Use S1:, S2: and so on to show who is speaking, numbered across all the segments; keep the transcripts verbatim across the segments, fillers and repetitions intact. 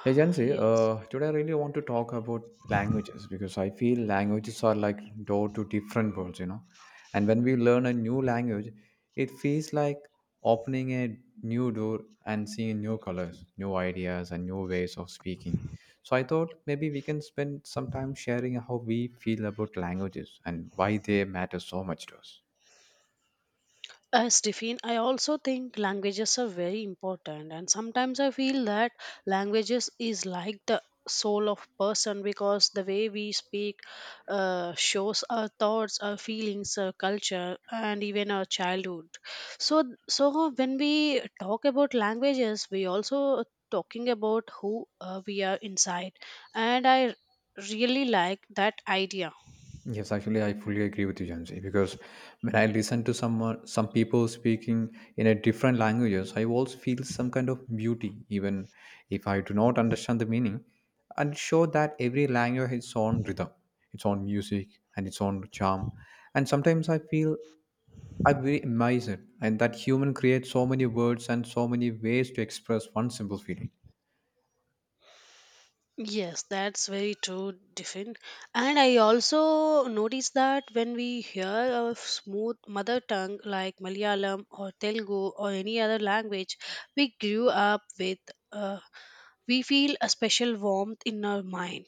S1: Hey Jansi,
S2: Yes.
S1: uh, today I really want to talk about languages because I feel languages are like door to different worlds, you know. And when we learn a new language, it feels like opening a new door and seeing new colors, new ideas, and new ways of speaking. So I thought maybe we can spend some time sharing how we feel about languages and why they matter so much to us.
S2: as Stephen, I also think languages are very important, and sometimes I feel that languages is like the soul of person because the way we speak uh, shows our thoughts, our feelings, our culture, and even our childhood. So, so when we talk about languages, we also talking about who uh, we are inside, and I really like that idea.
S1: Yes, actually, I fully agree with you, Jansi, because when I listen to someone, some people speaking in a different languages, I also feel some kind of beauty, even if I do not understand the meaning. And show that every language has its own rhythm, its own music, and its own charm. And sometimes I feel I'm very amazed, and that human creates so many words and so many ways to express one simple feeling.
S2: Yes, that's very true, Diffin. And I also notice that when we hear of smooth mother tongue like Malayalam or Telugu or any other language we grew up with, uh, we feel a special warmth in our mind.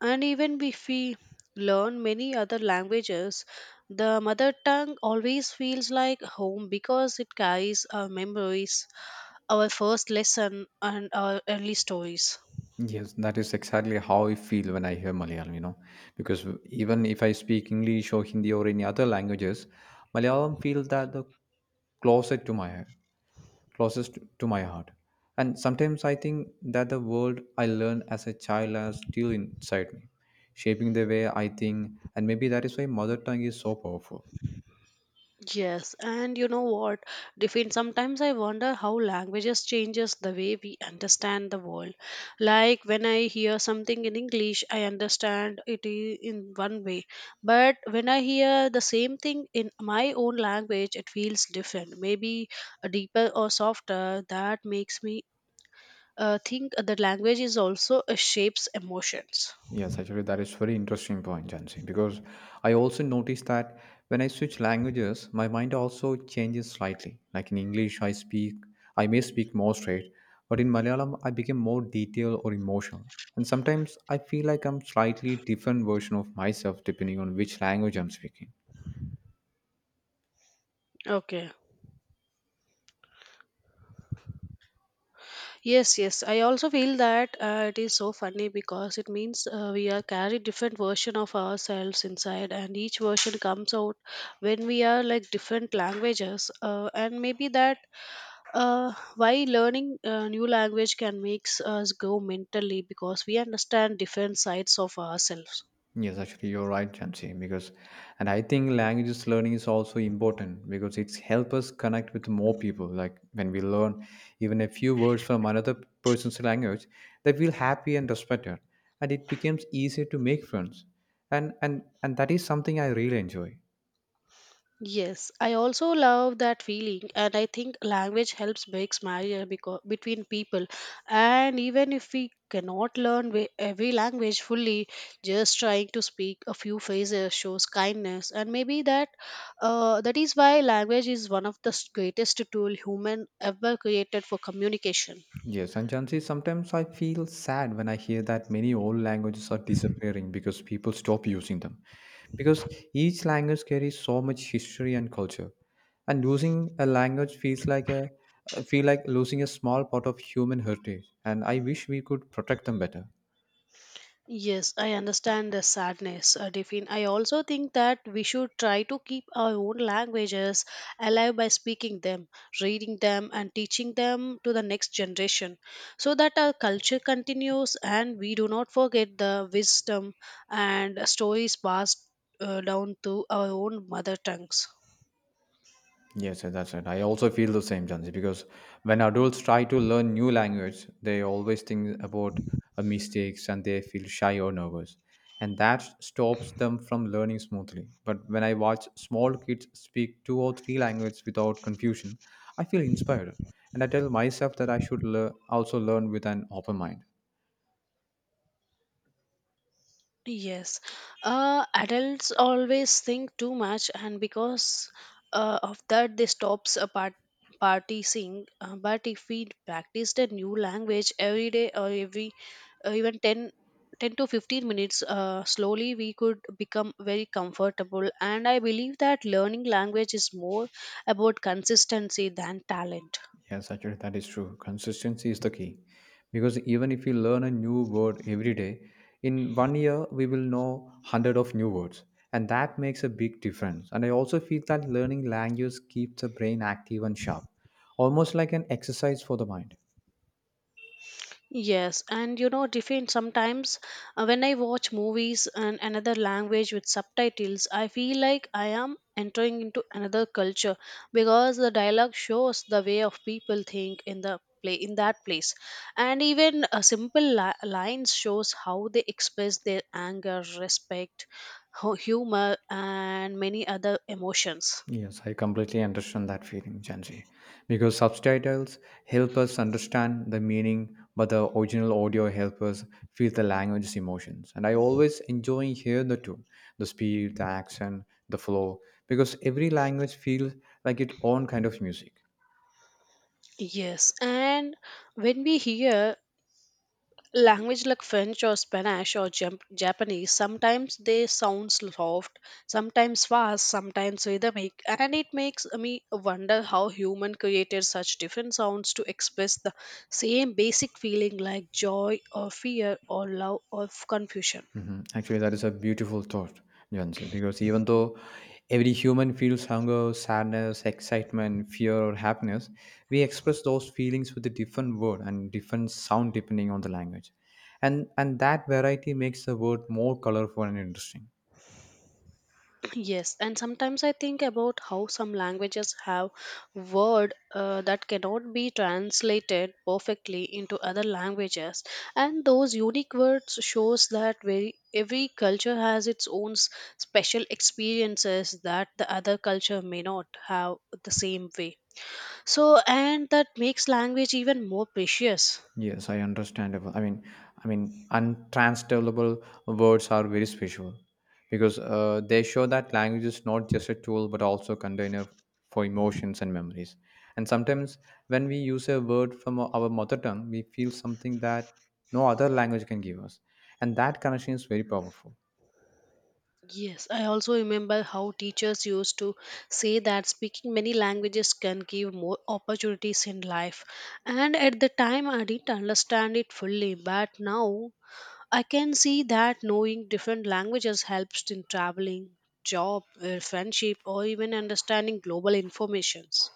S2: And even if we learn many other languages, the mother tongue always feels like home because it carries our memories, our first lesson, and our early stories.
S1: Yes, that is exactly how I feel when I hear Malayalam, you know, because w- even if I speak English or Hindi or any other languages, Malayalam feels that the closest to my closest to my heart. And sometimes I think that the world I learned as a child is still inside me, shaping the way I think, and maybe that is why mother tongue is so powerful.
S2: Yes, and you know what, Define. Sometimes I wonder how languages changes the way we understand the world. Like when I hear something in English, I understand it i- in one way, but when I hear the same thing in my own language, it feels different. Maybe uh, deeper or softer. That makes me uh, think the language is also uh, shapes emotions.
S1: Yes, actually, that is very interesting point, Jansi, because I also noticed that when I switch languages, my mind also changes slightly. Like in English, I speak, I may speak more straight, but in Malayalam, I become more detailed or emotional. And sometimes I feel like I'm slightly different version of myself depending on which language I'm speaking.
S2: Okay. Yes, yes. I also feel that uh, it is so funny because it means uh, we are carry different version of ourselves inside, and each version comes out when we are like different languages. Uh, and maybe that uh, why learning a new language can makes us go mentally because we understand different sides of ourselves.
S1: Yes, actually, you're right, Jamsi, because, and I think languages learning is also important because it's help us connect with more people. Like when we learn even a few words from another person's language, they feel happy and respected, and it becomes easier to make friends. And and and that is something I really enjoy.
S2: Yes, I also love that feeling, and I think language helps makes barrier because between people. And even if we cannot learn wi- every language fully, just trying to speak a few phrases shows kindness, and maybe that uh, that is why language is one of the s- greatest tool human ever created for communication.
S1: Yes, and Jansi, sometimes I feel sad when I hear that many old languages are disappearing because people stop using them. Because each language carries so much history and culture, and losing a language feels like a feel like losing a small part of human heritage. And I wish we could protect them better.
S2: Yes, I understand the sadness, uh, Devin. I also think that we should try to keep our own languages alive by speaking them, reading them, and teaching them to the next generation so that our culture continues and we do not forget the wisdom and stories passed uh, down to our own mother tongues.
S1: Yes, sir, that's it. I also feel the same, Jansi, because when adults try to learn new language, they always think about uh, mistakes and they feel shy or nervous. And that stops them from learning smoothly. But when I watch small kids speak two or three languages without confusion, I feel inspired. And I tell myself that I should lear- also learn with an open mind.
S2: Yes, uh, adults always think too much, and because uh, of that, they stops a part partying. Uh, but if we practiced a new language every day or every uh, even ten, ten to fifteen minutes uh, slowly we could become very comfortable, and I believe that learning language is more about consistency than talent.
S1: Yes, actually, that is true. Consistency is the key because even if we learn a new word every day, in one year we will know hundred of new words, and that makes a big difference. And I also feel that learning languages keeps the brain active and sharp, almost like an exercise for the mind.
S2: Yes, and you know, different sometimes uh, when I watch movies in another language with subtitles, I feel like I am entering into another culture because the dialogue shows the way of people think in the play in that place, and even a simple li- lines shows how they express their anger, respect, hu- humor, and many other emotions.
S1: Yes, I completely understand that feeling, Jansi. Because subtitles help us understand the meaning, but the original audio helps us feel the language's emotions. And I always enjoy hear the two, the speed, the accent, the flow, because every language feels like its own kind of music.
S2: Yes, and when we hear language like french or spanish or Jap- japanese, sometimes they sound soft, sometimes fast, sometimes rhythmic, and it makes me wonder how human created such different sounds to express the same basic feeling like joy or fear or love or confusion.
S1: Mhm. Actually, that is a beautiful thought, Jansi, because even though every human feels hunger, sadness, excitement, fear, or happiness, we express those feelings with a different word and different sound depending on the language. And, and that variety makes the word more colorful and interesting.
S2: Yes, and sometimes I think about how some languages have word uh, that cannot be translated perfectly into other languages, and those unique words shows that very every culture has its own s- special experiences that the other culture may not have the same way. So, and that makes language even more precious.
S1: Yes, I understandable. I mean, I mean, untranslatable words are very special because uh, they show that language is not just a tool but also a container for emotions and memories. And sometimes, when we use a word from our our mother tongue, we feel something that no other language can give us, and that connection is very powerful.
S2: Yes, I also remember how teachers used to say that speaking many languages can give more opportunities in life. And at the time, I didn't understand it fully, but now I can see that knowing different languages helps in traveling, job, uh, friendship, or even understanding global informations.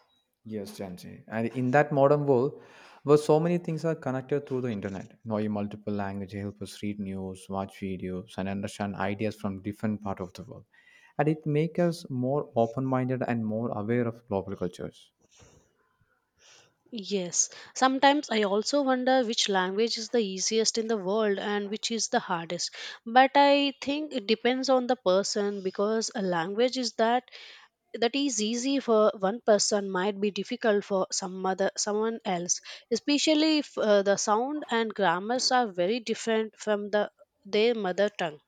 S1: Yes, Gen Z. And in that modern world, where so many things are connected through the internet, knowing multiple languages help us read news, watch videos, and understand ideas from different part of the world. And it makes us more open-minded and more aware of global cultures.
S2: Yes, sometimes I also wonder which language is the easiest in the world and which is the hardest. But I think it depends on the person because a language is that that is easy for one person might be difficult for some other someone else, especially if uh, the sound and grammars are very different from the their mother tongue.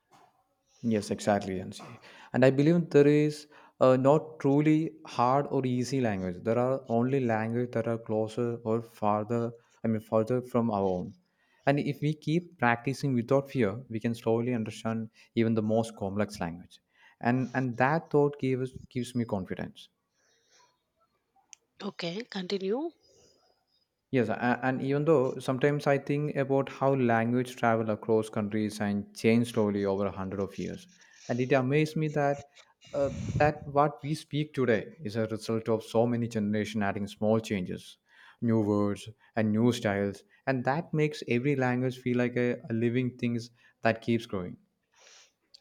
S1: Yes, exactly, Jansi. And I believe there is uh, not truly hard or easy language. There are only language that are closer or farther, I mean, further from our own. And if we keep practicing without fear, we can slowly understand even the most complex language. And and that thought gives gives me confidence.
S2: Okay, continue.
S1: Yes, a- and even though sometimes I think about how language travel across countries and change slowly over a hundred of years, and it amazed me that uh, that what we speak today is a result of so many generation adding small changes, new words and new styles, and that makes every language feel like a, a living thing that keeps growing.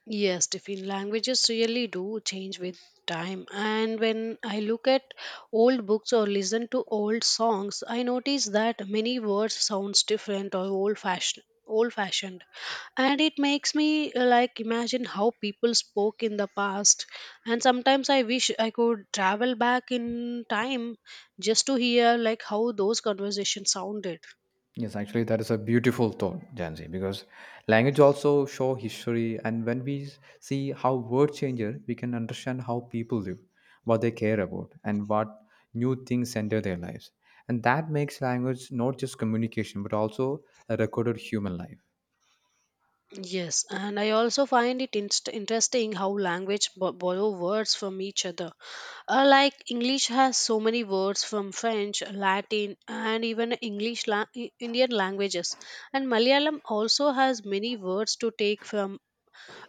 S2: Yes, Tiffin, languages really do change with time. And when I look at old books or listen to old songs, I notice that many words sounds different or old fashioned old fashioned and it makes me uh, like imagine how people spoke in the past, and sometimes I wish I could travel back in time just to hear like how those conversations sounded.
S1: Yes, actually, that is a beautiful thought, Jansi, because language also show history, and when we s- see how word changes, we can understand how people live, what they care about, and what new things enter their lives. And that makes language not just communication, but also a recorded human life.
S2: Yes, and I also find it inst- interesting how language b- borrow words from each other. Uh, like English has so many words from French, Latin, and even English la- I- Indian languages, and Malayalam also has many words to take from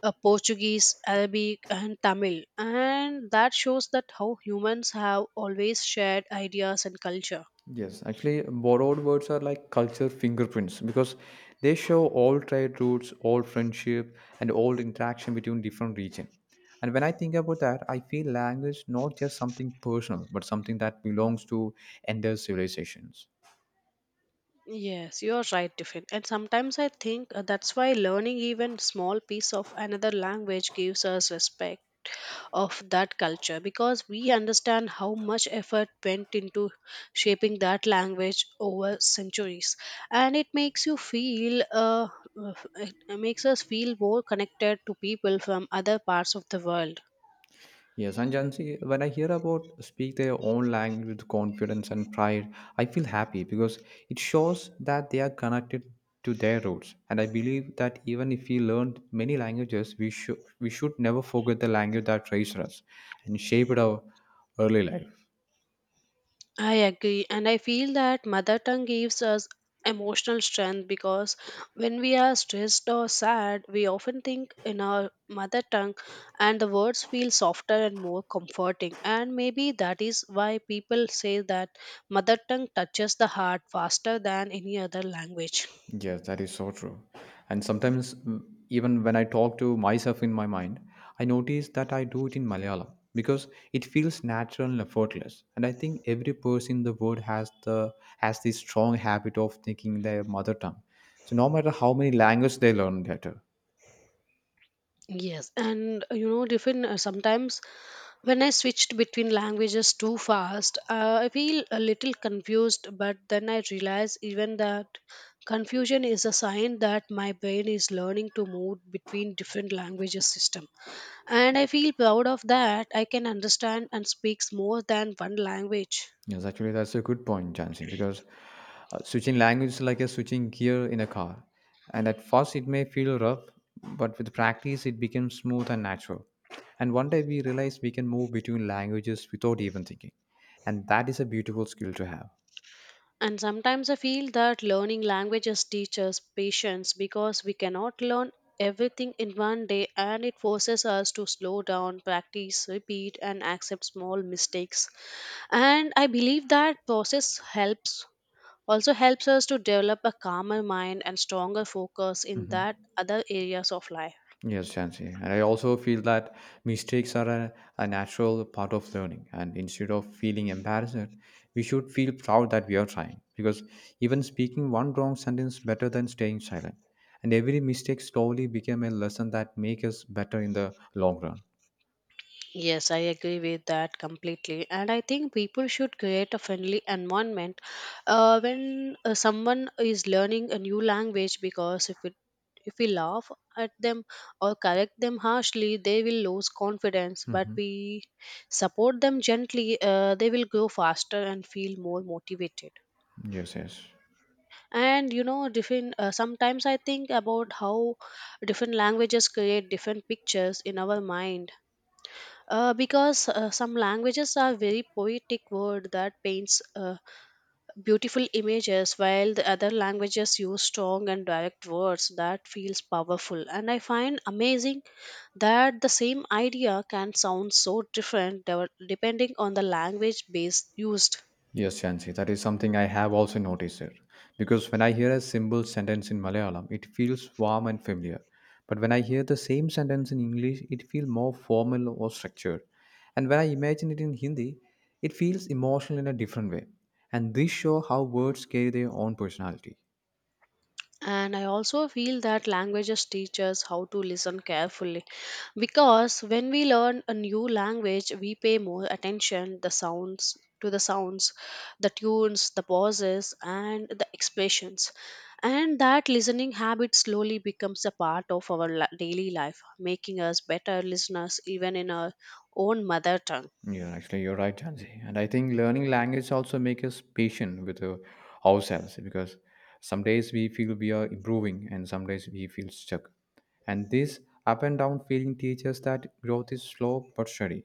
S2: uh, Portuguese, Arabic, and Tamil, and that shows that how humans have always shared ideas and culture.
S1: Yes, actually, borrowed words are like culture fingerprints because they show all trade routes, all friendship, and all interaction between different regions. And when I think about that, I feel language not just something personal, but something that belongs to entire civilizations.
S2: Yes, you're right, Tiffin. And sometimes I think uh, that's why learning even small piece of another language gives us respect of that culture because we understand how much effort went into shaping that language over centuries, and it makes you feel uh, it makes us feel more connected to people from other parts of the world.
S1: Yes, and Jansi, when I hear about speak their own language with confidence and pride, I feel happy because it shows that they are connected to their roots. And I believe that even if we learned many languages, we should we should never forget the language that raised us and shaped our early life.
S2: I agree, and I feel that mother tongue gives us emotional strength because when we are stressed or sad, we often think in our mother tongue, and the words feel softer and more comforting. And maybe that is why people say that mother tongue touches the heart faster than any other language.
S1: Yes, that is so true. And sometimes, mm, even when I talk to myself in my mind, I notice that I do it in Malayalam because it feels natural and effortless. And I think every person in the world has the has this strong habit of thinking their mother tongue. So no matter how many languages they learn later,
S2: Yes, and uh, you know, different uh, sometimes when I switched between languages too fast, uh, I feel a little confused, but then I realize even that confusion is a sign that my brain is learning to move between different languages system. And I feel proud of that. I can understand and speaks more than one language.
S1: yes, actually, that's a good point, Jansing, because uh, switching language is like a switching gear in a car. And at first, it may feel rough, but with practice, it becomes smooth and natural. And one day, we realize we can move between languages without even thinking. And that is a beautiful skill to have.
S2: And sometimes I feel that learning languages teaches patience because we cannot learn everything in one day, and it forces us to slow down, practice, repeat, and accept small mistakes. And I believe that process helps also helps us to develop a calmer mind and stronger focus in that
S1: Mhm.
S2: other areas of life.
S1: Yes, Jansi. And I also feel that mistakes are a, a natural part of learning. And instead of feeling embarrassed, we should feel proud that we are trying. Because even speaking one wrong sentence better than staying silent. And every mistake slowly became a lesson that makes us better in the long run.
S2: Yes, I agree with that completely. And I think people should create a friendly environment uh, when uh, someone is learning a new language because if it if we laugh at them or correct them harshly, they will lose confidence. But
S1: Hmm.
S2: we support them gently, uh, they will grow faster and feel more motivated.
S1: Yes, yes.
S2: And you know, different. Uh, sometimes I think about how different languages create different pictures in our mind uh, because uh, some languages are very poetic word that paints uh, beautiful images, while the other languages use strong and direct words that feels powerful, and I find amazing that the same idea can sound so different dev- depending on the language base used.
S1: Yes, Chansi, that is something I have also noticed it. Because when I hear a simple sentence in Malayalam, it feels warm and familiar. But when I hear the same sentence in English, it feels more formal or structured. And when I imagine it in Hindi, it feels emotional in a different way. And this show how words carry their own personality.
S2: And I also feel that languages teach us how to listen carefully because when we learn a new language, we pay more attention the sounds to the sounds, the tunes, the pauses, and the expressions. And that listening habit slowly becomes a part of our li- daily life, making us better listeners even in our own mother tongue.
S1: Yeah, actually, you're right, Jansi. And I think learning language also makes us patient with uh, ourselves because some days we feel we are improving and some days we feel stuck. And this up and down feeling teaches that growth is slow but steady,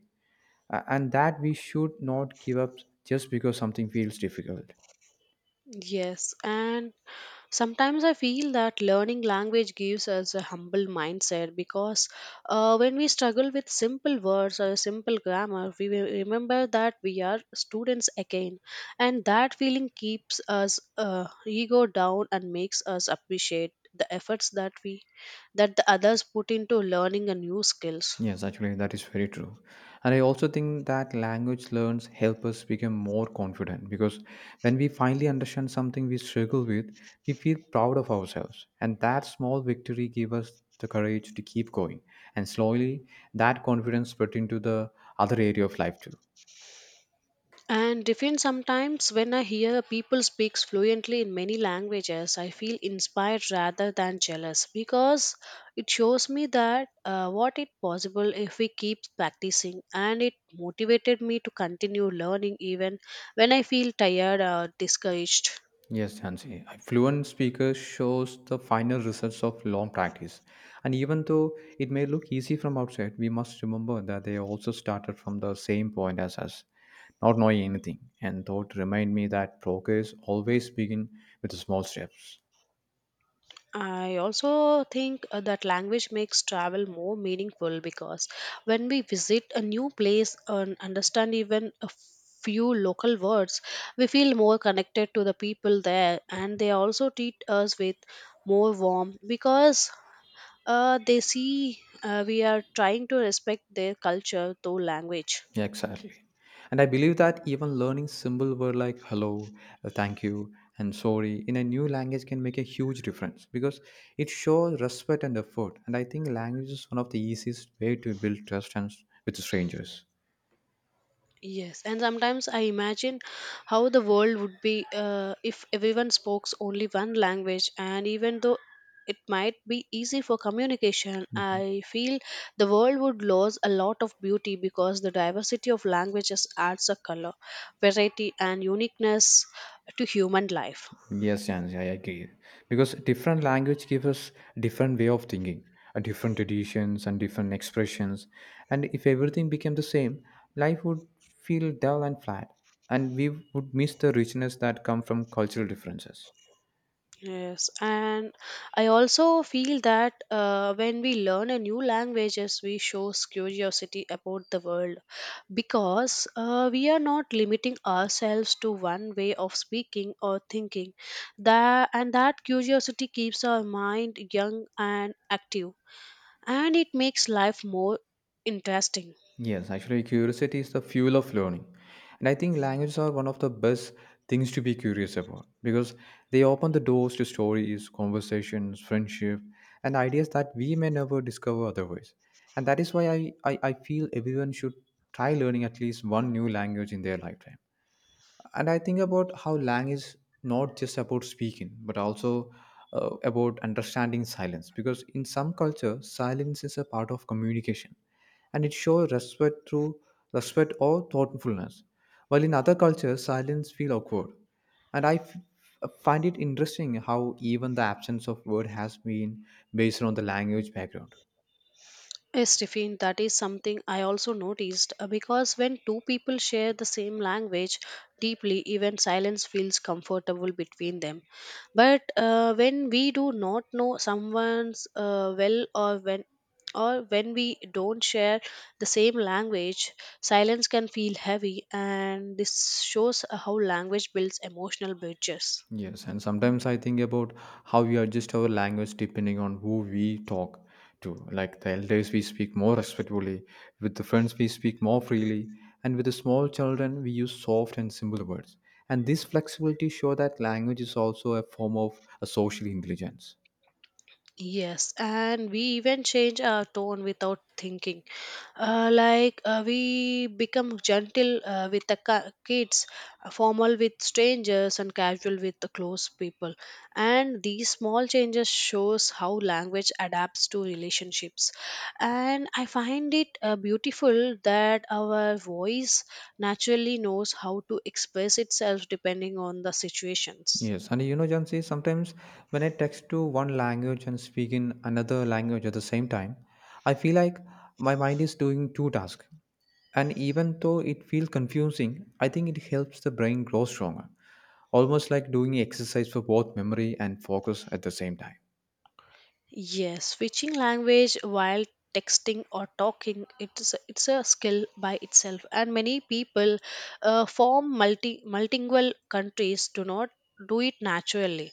S1: A- and that we should not give up just because something feels difficult.
S2: Yes, and sometimes I feel that learning language gives us a humble mindset because uh, when we struggle with simple words or simple grammar, we will remember that we are students again, and that feeling keeps us uh, ego down and makes us appreciate the efforts that we that the others put into learning a new skills.
S1: Yes, actually, that is very true. And I also think that language learns help us become more confident because when we finally understand something we struggle with, we feel proud of ourselves. And that small victory gives us the courage to keep going. And slowly, that confidence spread into the other area of life too.
S2: And define sometimes when I hear people speaks fluently in many languages, I feel inspired rather than jealous because it shows me that uh, what it possible if we keep practicing, and it motivated me to continue learning even when I feel tired or discouraged.
S1: Yes, Jansi. A fluent speaker shows the final results of long practice. And even though it may look easy from outside, we must remember that they also started from the same point as us, not knowing anything. And thought remind me that progress always begin with small steps.
S2: I also think uh, that language makes travel more meaningful because when we visit a new place and understand even a few local words, we feel more connected to the people there, and they also treat us with more warmth because uh, they see uh, we are trying to respect their culture through language.
S1: Yeah, exactly. And I believe that even learning symbol word like hello, uh, thank you, and sorry in a new language can make a huge difference because it shows respect and effort. And I think language is one of the easiest way to build trust and s- with strangers.
S2: Yes, and sometimes I imagine how the world would be uh, if everyone spoke only one language, and even though it might be easy for communication, I feel the world would lose a lot of beauty because the diversity of languages adds a color, variety, and uniqueness to human life.
S1: Yes, Jansi, I agree. Because different language gives us different way of thinking, uh, different traditions and different expressions. And if everything became the same, life would feel dull and flat. And we would miss the richness that come from cultural differences.
S2: Yes, and I also feel that uh, when we learn a new languages, we shows curiosity about the world because uh, we are not limiting ourselves to one way of speaking or thinking that and that curiosity keeps our mind young and active, and it makes life more interesting.
S1: Yes, actually, curiosity is the fuel of learning. And I think languages are one of the best things to be curious about because they open the doors to stories, conversations, friendship, and ideas that we may never discover otherwise. And that is why I, I, I feel everyone should try learning at least one new language in their lifetime. And I think about how lang is not just about speaking but also uh, about understanding silence, because in some culture silence is a part of communication and it shows respect through respect or thoughtfulness, while in other cultures silence feel awkward. And I f- uh, find it interesting how even the absence of word has been based on the language background.
S2: Yes, Tiffin, that is something I also noticed, uh, because when two people share the same language deeply, even silence feels comfortable between them. But uh, when we do not know someone's uh, well, or when or when we don't share the same language, silence can feel heavy, and this shows how language builds emotional bridges.
S1: Yes, and sometimes I think about how we adjust our language depending on who we talk to. Like the elders, we speak more respectfully, with the friends, we speak more freely, and with the small children, we use soft and simple words. And this flexibility shows that language is also a form of a social intelligence.
S2: Yes, and we even change our tone without thinking, uh, like uh, we become gentle uh, with the ki- kids, uh, formal with strangers, and casual with the close people. And these small changes shows how language adapts to relationships, and I find it uh, beautiful that our voice naturally knows how to express itself depending on the situations.
S1: Yes, and you know, Jansi, sometimes when I text to one language and speak in another language at the same time, I feel like my mind is doing two tasks. And even though it feels confusing, I think it helps the brain grow stronger, almost like doing exercise for both memory and focus at the same time.
S2: Yes, switching language while texting or talking, it's a- it's a skill by itself, and many people uh, form multi multilingual countries do not do it naturally.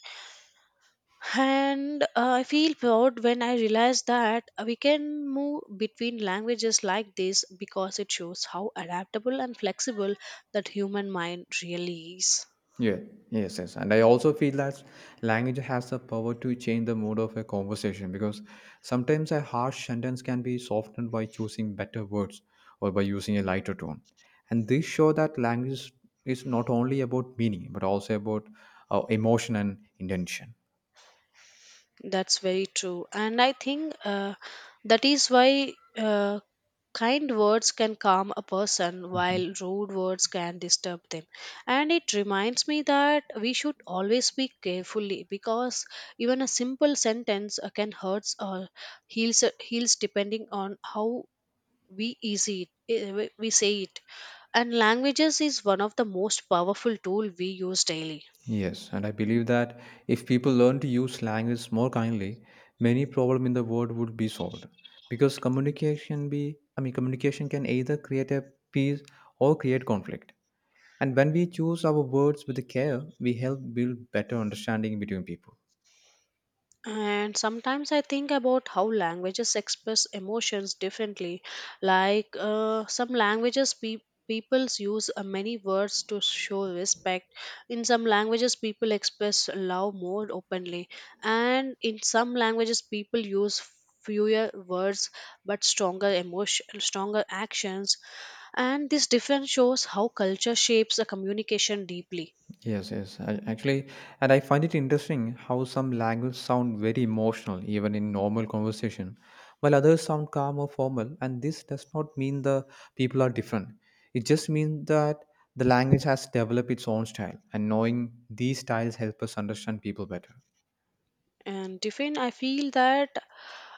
S2: And uh, I feel proud when I realize that we can move between languages like this, because it shows how adaptable and flexible that human mind really is.
S1: Yeah, yes, yes. And I also feel that language has the power to change the mood of a conversation, because sometimes a harsh sentence can be softened by choosing better words or by using a lighter tone. And this show that language is not only about meaning but also about uh, emotion and intention.
S2: That's very true, and I think uh, that is why uh, kind words can calm a person while rude words can disturb them. And it reminds me that we should always speak carefully, because even a simple sentence uh, can hurt or heals, uh, heals, depending on how we easy it, eh, we we say it. And languages is one of the most powerful tool we use daily.
S1: Yes, and I believe that if people learn to use language more kindly, many problems in the world would be solved. Because communication be I mean communication can either create a peace or create conflict. And when we choose our words with care, we help build better understanding between people.
S2: And sometimes I think about how languages express emotions differently. Like uh, some languages, pe- peoples use uh, many words to show respect. In some languages, people express love more openly. And in some languages, people use fewer words but stronger emotion stronger actions. And this difference shows how culture shapes the communication deeply.
S1: Yes, yes. I, actually, and I find it interesting how some languages sound very emotional even in normal conversation, while others sound calm or formal. And this does not mean the people are different. It just means that the language has developed its own style, and knowing these styles help us understand people better.
S2: And Tiffin, I feel that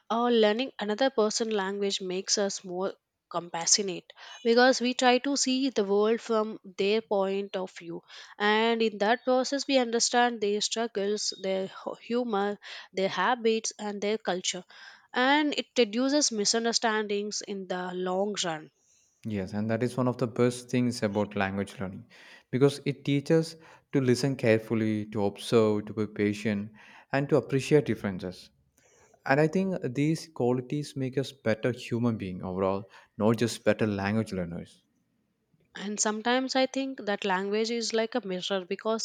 S2: or learning another person's language makes us more compassionate, because we try to see the world from their point of view, and in that process we understand their struggles, their hu- humor, their habits, and their culture. And it reduces misunderstandings in the long run.
S1: Yes, and that is one of the best things about language learning, because it teaches to listen carefully, to observe, to be patient, and to appreciate differences. And I think these qualities make us better human being overall, not just better language learners.
S2: And sometimes I think that language is like a mirror, because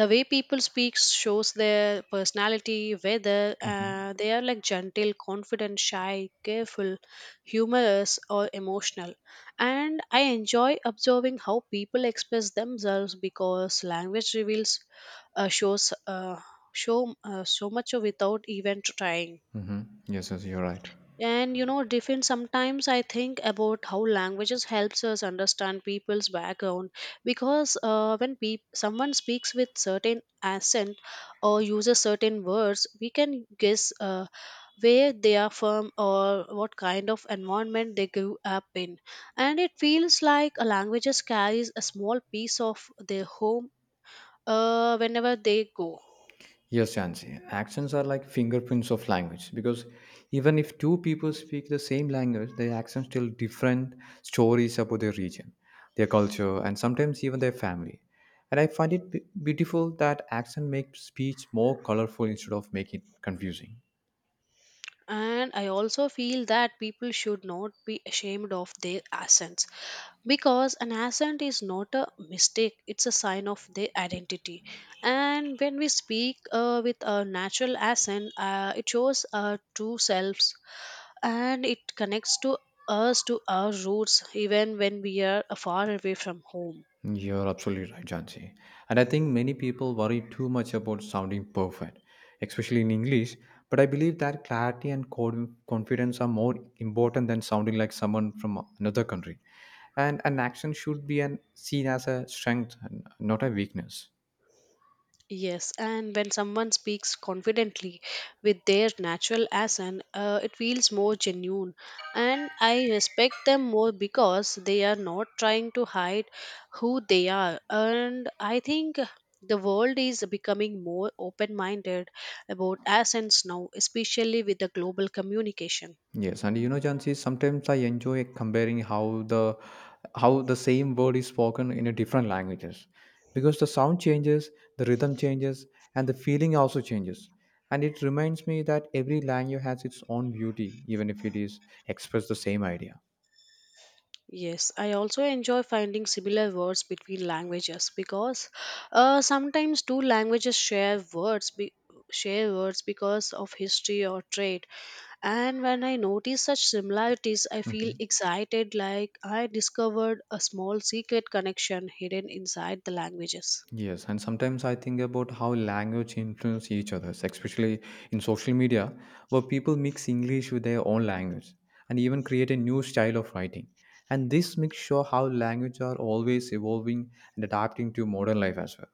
S2: the way people speak shows their personality, whether
S1: Hmm.
S2: uh, they are like gentle, confident, shy, careful, humorous, or emotional. And I enjoy observing how people express themselves, because language reveals, uh, shows uh, show uh, so much without even trying.
S1: Hmm. Yes, yes, you're right.
S2: And you know, different, sometimes I think about how languages helps us understand people's background, because uh, when peop someone speaks with certain accent or uses certain words, we can guess uh, where they are from or what kind of environment they grew up in. And it feels like a languages carries a small piece of their home uh, whenever they go.
S1: Yes, Jansi. Accents are like fingerprints of language, because even if two people speak the same language, their accents tell different stories about their region, their culture, and sometimes even their family. And I find it be- beautiful that accent makes speech more colorful instead of making it confusing.
S2: And I also feel that people should not be ashamed of their accents, because an accent is not a mistake, it's a sign of their identity. And when we speak uh, with a natural accent, uh, it shows our true selves, and it connects to us to our roots even when we are uh, far away from home.
S1: You're absolutely right, Jansi. And I think many people worry too much about sounding perfect, especially in English. But I believe that clarity and con- confidence are more important than sounding like someone from another country. And an action should be an, seen as a strength, and not a weakness.
S2: Yes, and when someone speaks confidently with their natural accent, uh, it feels more genuine. And I respect them more, because they are not trying to hide who they are. And I think the world is becoming more open minded about accents now, especially with the global communication.
S1: Yes, and you know, Jansi, sometimes I enjoy comparing how the how the same word is spoken in a different languages, because the sound changes, the rhythm changes, and the feeling also changes. And it reminds me that every language has its own beauty, even if it is express the same idea.
S2: Yes, I also enjoy finding similar words between languages, because uh, sometimes two languages share words be- share words because of history or trade. And when I notice such similarities, I feel
S1: Mhm.
S2: excited, like I discovered a small secret connection hidden inside the languages.
S1: Yes, and sometimes I think about how language influence each other, especially in social media, where people mix English with their own language and even create a new style of writing. And this makes sure how language are always evolving and adapting to modern life as well.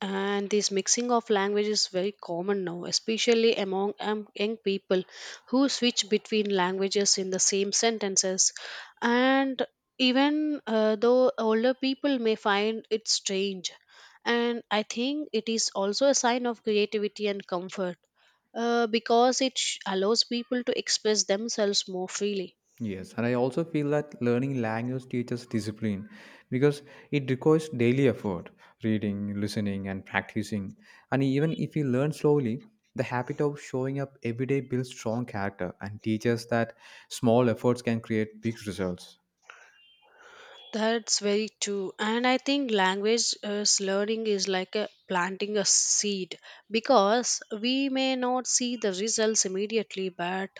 S2: And this mixing of language is very common now, especially among um, young people who switch between languages in the same sentences. And even uh, though older people may find it strange, and I think it is also a sign of creativity and comfort, uh, because it sh- allows people to express themselves more freely.
S1: Yes, and I also feel that learning language teaches discipline, because it requires daily effort, reading, listening, and practicing. And even if you learn slowly, the habit of showing up every day builds strong character and teaches that small efforts can create big results.
S2: That's very true. And I think language uh, slurring is like a planting a seed, because we may not see the results immediately, but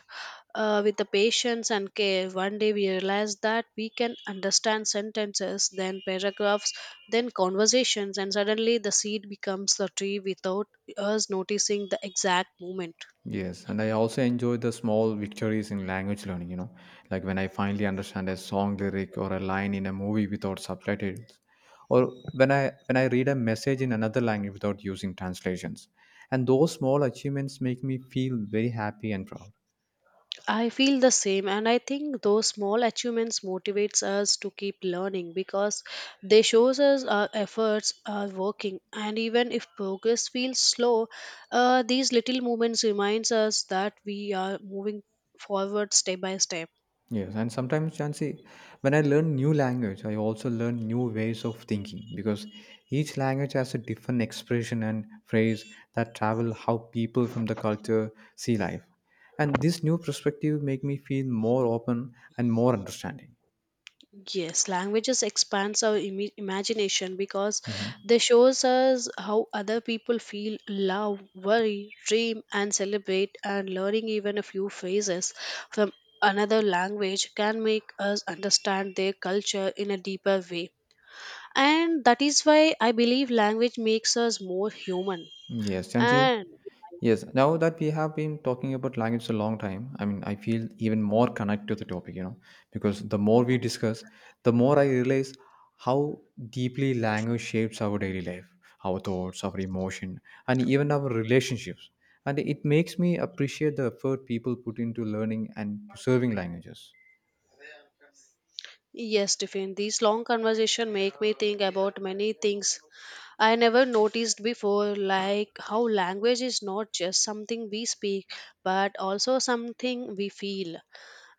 S2: uh, with the patience and care, one day we realize that we can understand sentences, then paragraphs, then conversations, and suddenly the seed becomes the tree without us noticing the exact moment.
S1: Yes, and I also enjoy the small victories in language learning, you know, like when I finally understand a song lyric or a line in a movie without subtitles, or when I when I read a message in another language without using translations. And those small achievements make me feel very happy and proud.
S2: I feel the same, and I think those small achievements motivates us to keep learning, because they shows us our efforts are working. And even if progress feels slow, uh, these little movements reminds us that we are moving forward step by step.
S1: Yes, and sometimes Chancy, when I learn new language, I also learn new ways of thinking, because each language has a different expression and phrase that travel how people from the culture see life. And this new perspective make me feel more open and more understanding.
S2: Yes, languages expands our imi- imagination, because
S1: Mhm.
S2: they shows us how other people feel, love, worry, dream, and celebrate. And learning even a few phrases from another language can make us understand their culture in a deeper way. And that is why I believe language makes us more human.
S1: Yes, Chancy.
S2: And
S1: Yes, now that we have been talking about language a long time, I mean, I feel even more connected to the topic, you know, because the more we discuss, the more I realize how deeply language shapes our daily life, our thoughts, our emotion, and even our relationships. And it makes me appreciate the effort people put into learning and preserving languages.
S2: yes, Tiffin, these long conversation make me think about many things I never noticed before, like how language is not just something we speak, but also something we feel,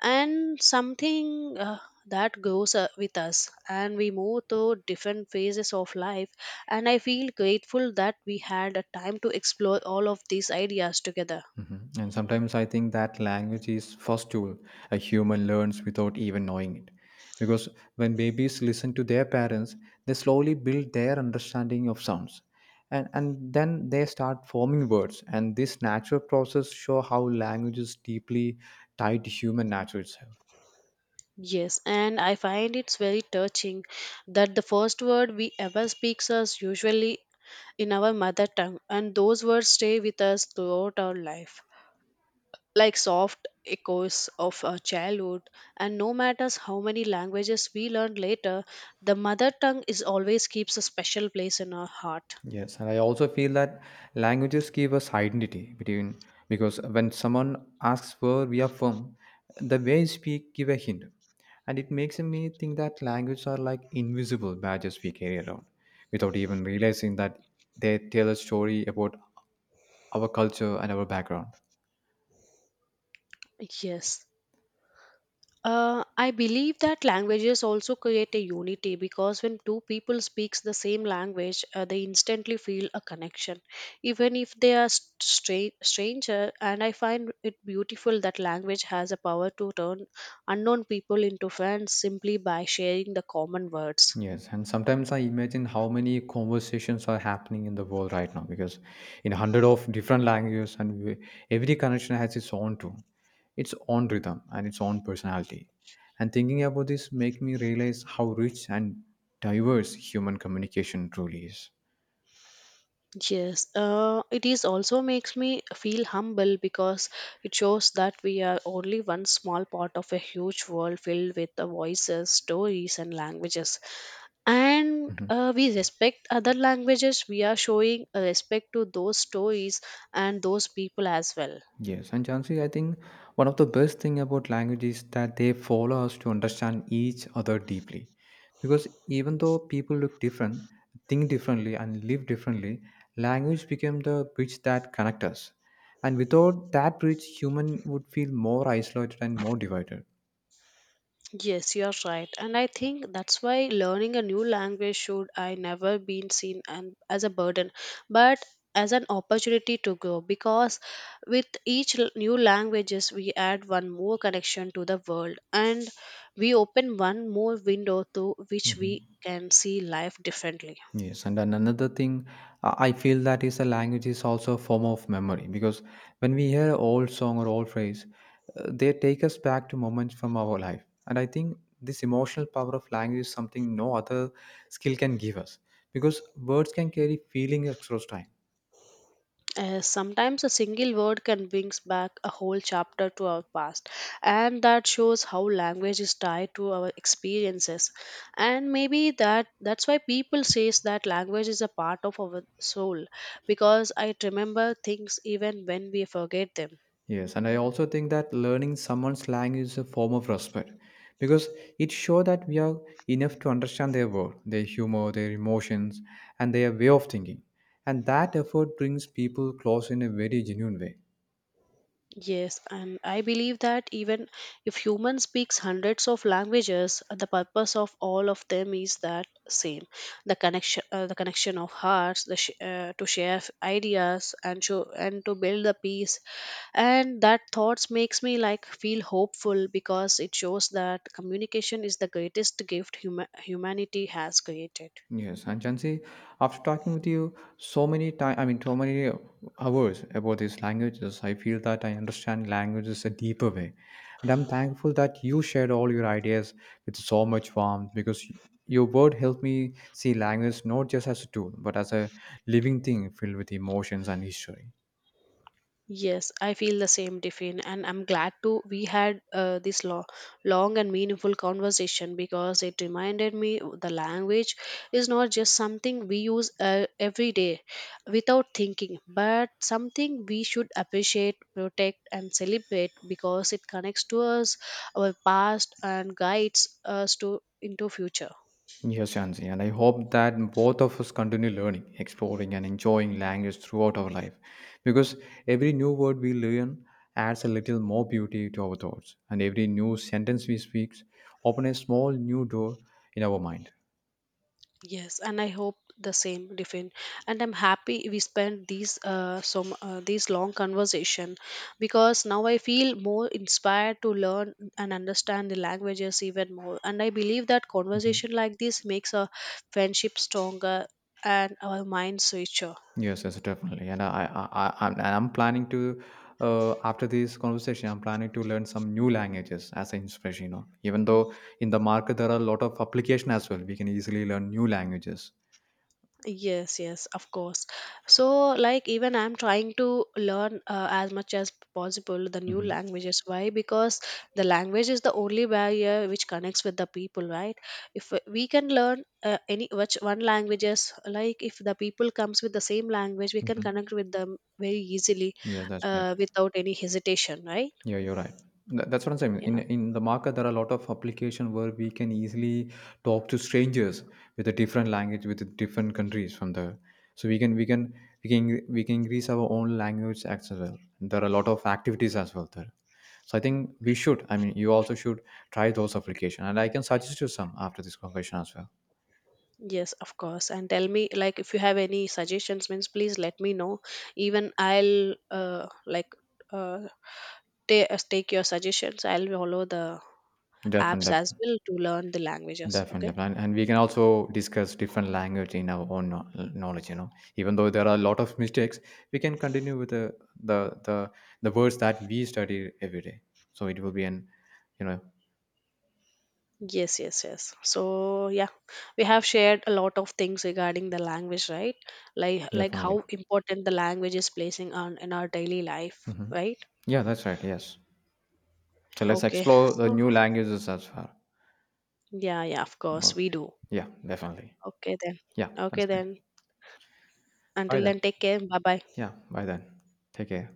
S2: and something uh, that grows uh, with us. And we move through different phases of life, and I feel grateful that we had a time to explore all of these ideas together.
S1: Mhm. And sometimes I think that language is first tool a human learns without even knowing it. Because when babies listen to their parents, they slowly build their understanding of sounds. And, and then they start forming words. And this natural process show how language is deeply tied to human nature itself.
S2: Yes, and I find it's very touching that the first word we ever speaks us usually in our mother tongue, and those words stay with us throughout our life, like soft echoes of our childhood. And no matter how many languages we learn later, the mother tongue is always keeps a special place in our heart.
S1: Yes, and I also feel that languages give us identity between, because when someone asks where we are from, the way we speak give a hint, and it makes me think that languages are like invisible badges we carry around without even realizing that they tell a story about our culture and our background.
S2: Yes. Uh, I believe that languages also create a unity, because when two people speaks the same language, uh, they instantly feel a connection, even if they are straight stranger. And I find it beautiful that language has a power to turn unknown people into friends simply by sharing the common words.
S1: Yes, and sometimes I imagine how many conversations are happening in the world right now, because in hundred of different languages and we, every connection has its own tune, its own rhythm, and its own personality. And thinking about this make me realize how rich and diverse human communication truly is.
S2: Yes, uh, it is also makes me feel humble, because it shows that we are only one small part of a huge world filled with the voices, stories, and languages. And
S1: Mhm.
S2: uh, we respect other languages, we are showing a respect to those stories and those people as well.
S1: Yes, and Jansi, I think one of the best thing about language is that they follow us to understand each other deeply. Because even though people look different, think differently, and live differently, language became the bridge that connects us. And without that bridge, human would feel more isolated and more divided.
S2: Yes, you are right, and I think that's why learning a new language should I never been seen an, as a burden, but as an opportunity to grow, because with each l- new languages we add one more connection to the world, and we open one more window through which we
S1: Mhm.
S2: can see life differently.
S1: Yes, and then another thing uh, I feel that is a language is also a form of memory, because when we hear an old song or old phrase, uh, they take us back to moments from our life. And I think this emotional power of language is something no other skill can give us, because words can carry feelings across time.
S2: Uh, sometimes a single word can bring back a whole chapter to our past, and that shows how language is tied to our experiences. And maybe that that's why people says that language is a part of our soul, because I remember things even when we forget them.
S1: Yes, and I also think that learning someone's slang is a form of respect, because it shows that we are enough to understand their world, their humor, their emotions, and their way of thinking. And that effort brings people close in a very genuine way.
S2: Yes, and I believe that even if human speaks hundreds of languages, the purpose of all of them is that same: the connection, uh, the connection of hearts, the sh- uh, to share f- ideas and show and to build the peace. And that thoughts makes me like feel hopeful, because it shows that communication is the greatest gift huma- humanity has created.
S1: Yes, and Jansi, after talking with you so many time, I mean, so many hours about these languages, I feel that I understand languages a deeper way, and I'm thankful that you shared all your ideas with so much warmth because y- your word helped me see language not just as a tool but as a living thing filled with emotions and history.
S2: Yes, I feel the same, Tiffin, and I'm glad to we had uh, this lo- long and meaningful conversation, because it reminded me the language is not just something we use uh, every day without thinking, but something we should appreciate, protect, and celebrate because it connects to us, our past, and guides us to into future.
S1: Yes, Shansi, and I hope that both of us continue learning, exploring, and enjoying language throughout our life, because every new word we learn adds a little more beauty to our thoughts, and every new sentence we speak opens a small new door in our mind.
S2: Yes, and I hope the same, Diffin. And I'm happy we spent these uh, some uh, these long conversation, because now I feel more inspired to learn and understand the languages even more. And I believe that
S1: Mhm.
S2: conversation like this makes a friendship stronger and our minds richer.
S1: Yes, yes, definitely. And I, I, I, I'm, and I'm planning to, uh, after this conversation, I'm planning to learn some new languages as an inspiration. You know, even though in the market there are a lot of application as well, we can easily learn new languages.
S2: Yes, yes, of course. So, like, even I'm trying to learn uh, as much as possible the new
S1: Hmm.
S2: languages. Why? Because the language is the only barrier which connects with the people, right? If w- we can learn uh, any which one languages, like if the people comes with the same language, we can
S1: Hmm.
S2: connect with them very easily,
S1: Yes, that's right.
S2: uh, without any hesitation, right?
S1: Yeah, you're right. Tha- That's what I'm saying. In
S2: Yeah.
S1: in the market, there are a lot of application where we can easily talk to strangers with a different language, with different countries from there. So we can we can we can we can increase our own language as well. There are a lot of activities as well there. So I think we should. I mean, you also should try those application, and I can suggest you some after this conversation as well.
S2: Yes, of course. And tell me, like, if you have any suggestions, means please let me know. Even I'll uh, like uh, ta- uh, take your suggestions. I'll follow the apps as
S1: Definitely.
S2: well to learn the languages.
S1: Definitely,
S2: Okay.
S1: definitely. And and we can also discuss different language in our own kno- knowledge, you know. Even though there are a lot of mistakes, we can continue with the the the, the words that we study every day. So it will be an, you know,
S2: Yes, yes, yes. So yeah, we have shared a lot of things regarding the language, right? Like like
S1: definitely.
S2: how important the language is placing on in our daily life,
S1: Hmm.
S2: right?
S1: Yeah, that's right. Yes. So let's
S2: Okay.
S1: explore the
S2: So
S1: new languages as far.
S2: yeah, yeah, of course
S1: Okay.
S2: we do.
S1: Yeah, definitely.
S2: Okay then.
S1: Yeah, that's
S2: Okay
S1: great.
S2: then.
S1: Bye
S2: Until
S1: then.
S2: then, take care. Bye bye.
S1: Yeah, bye then. Take care.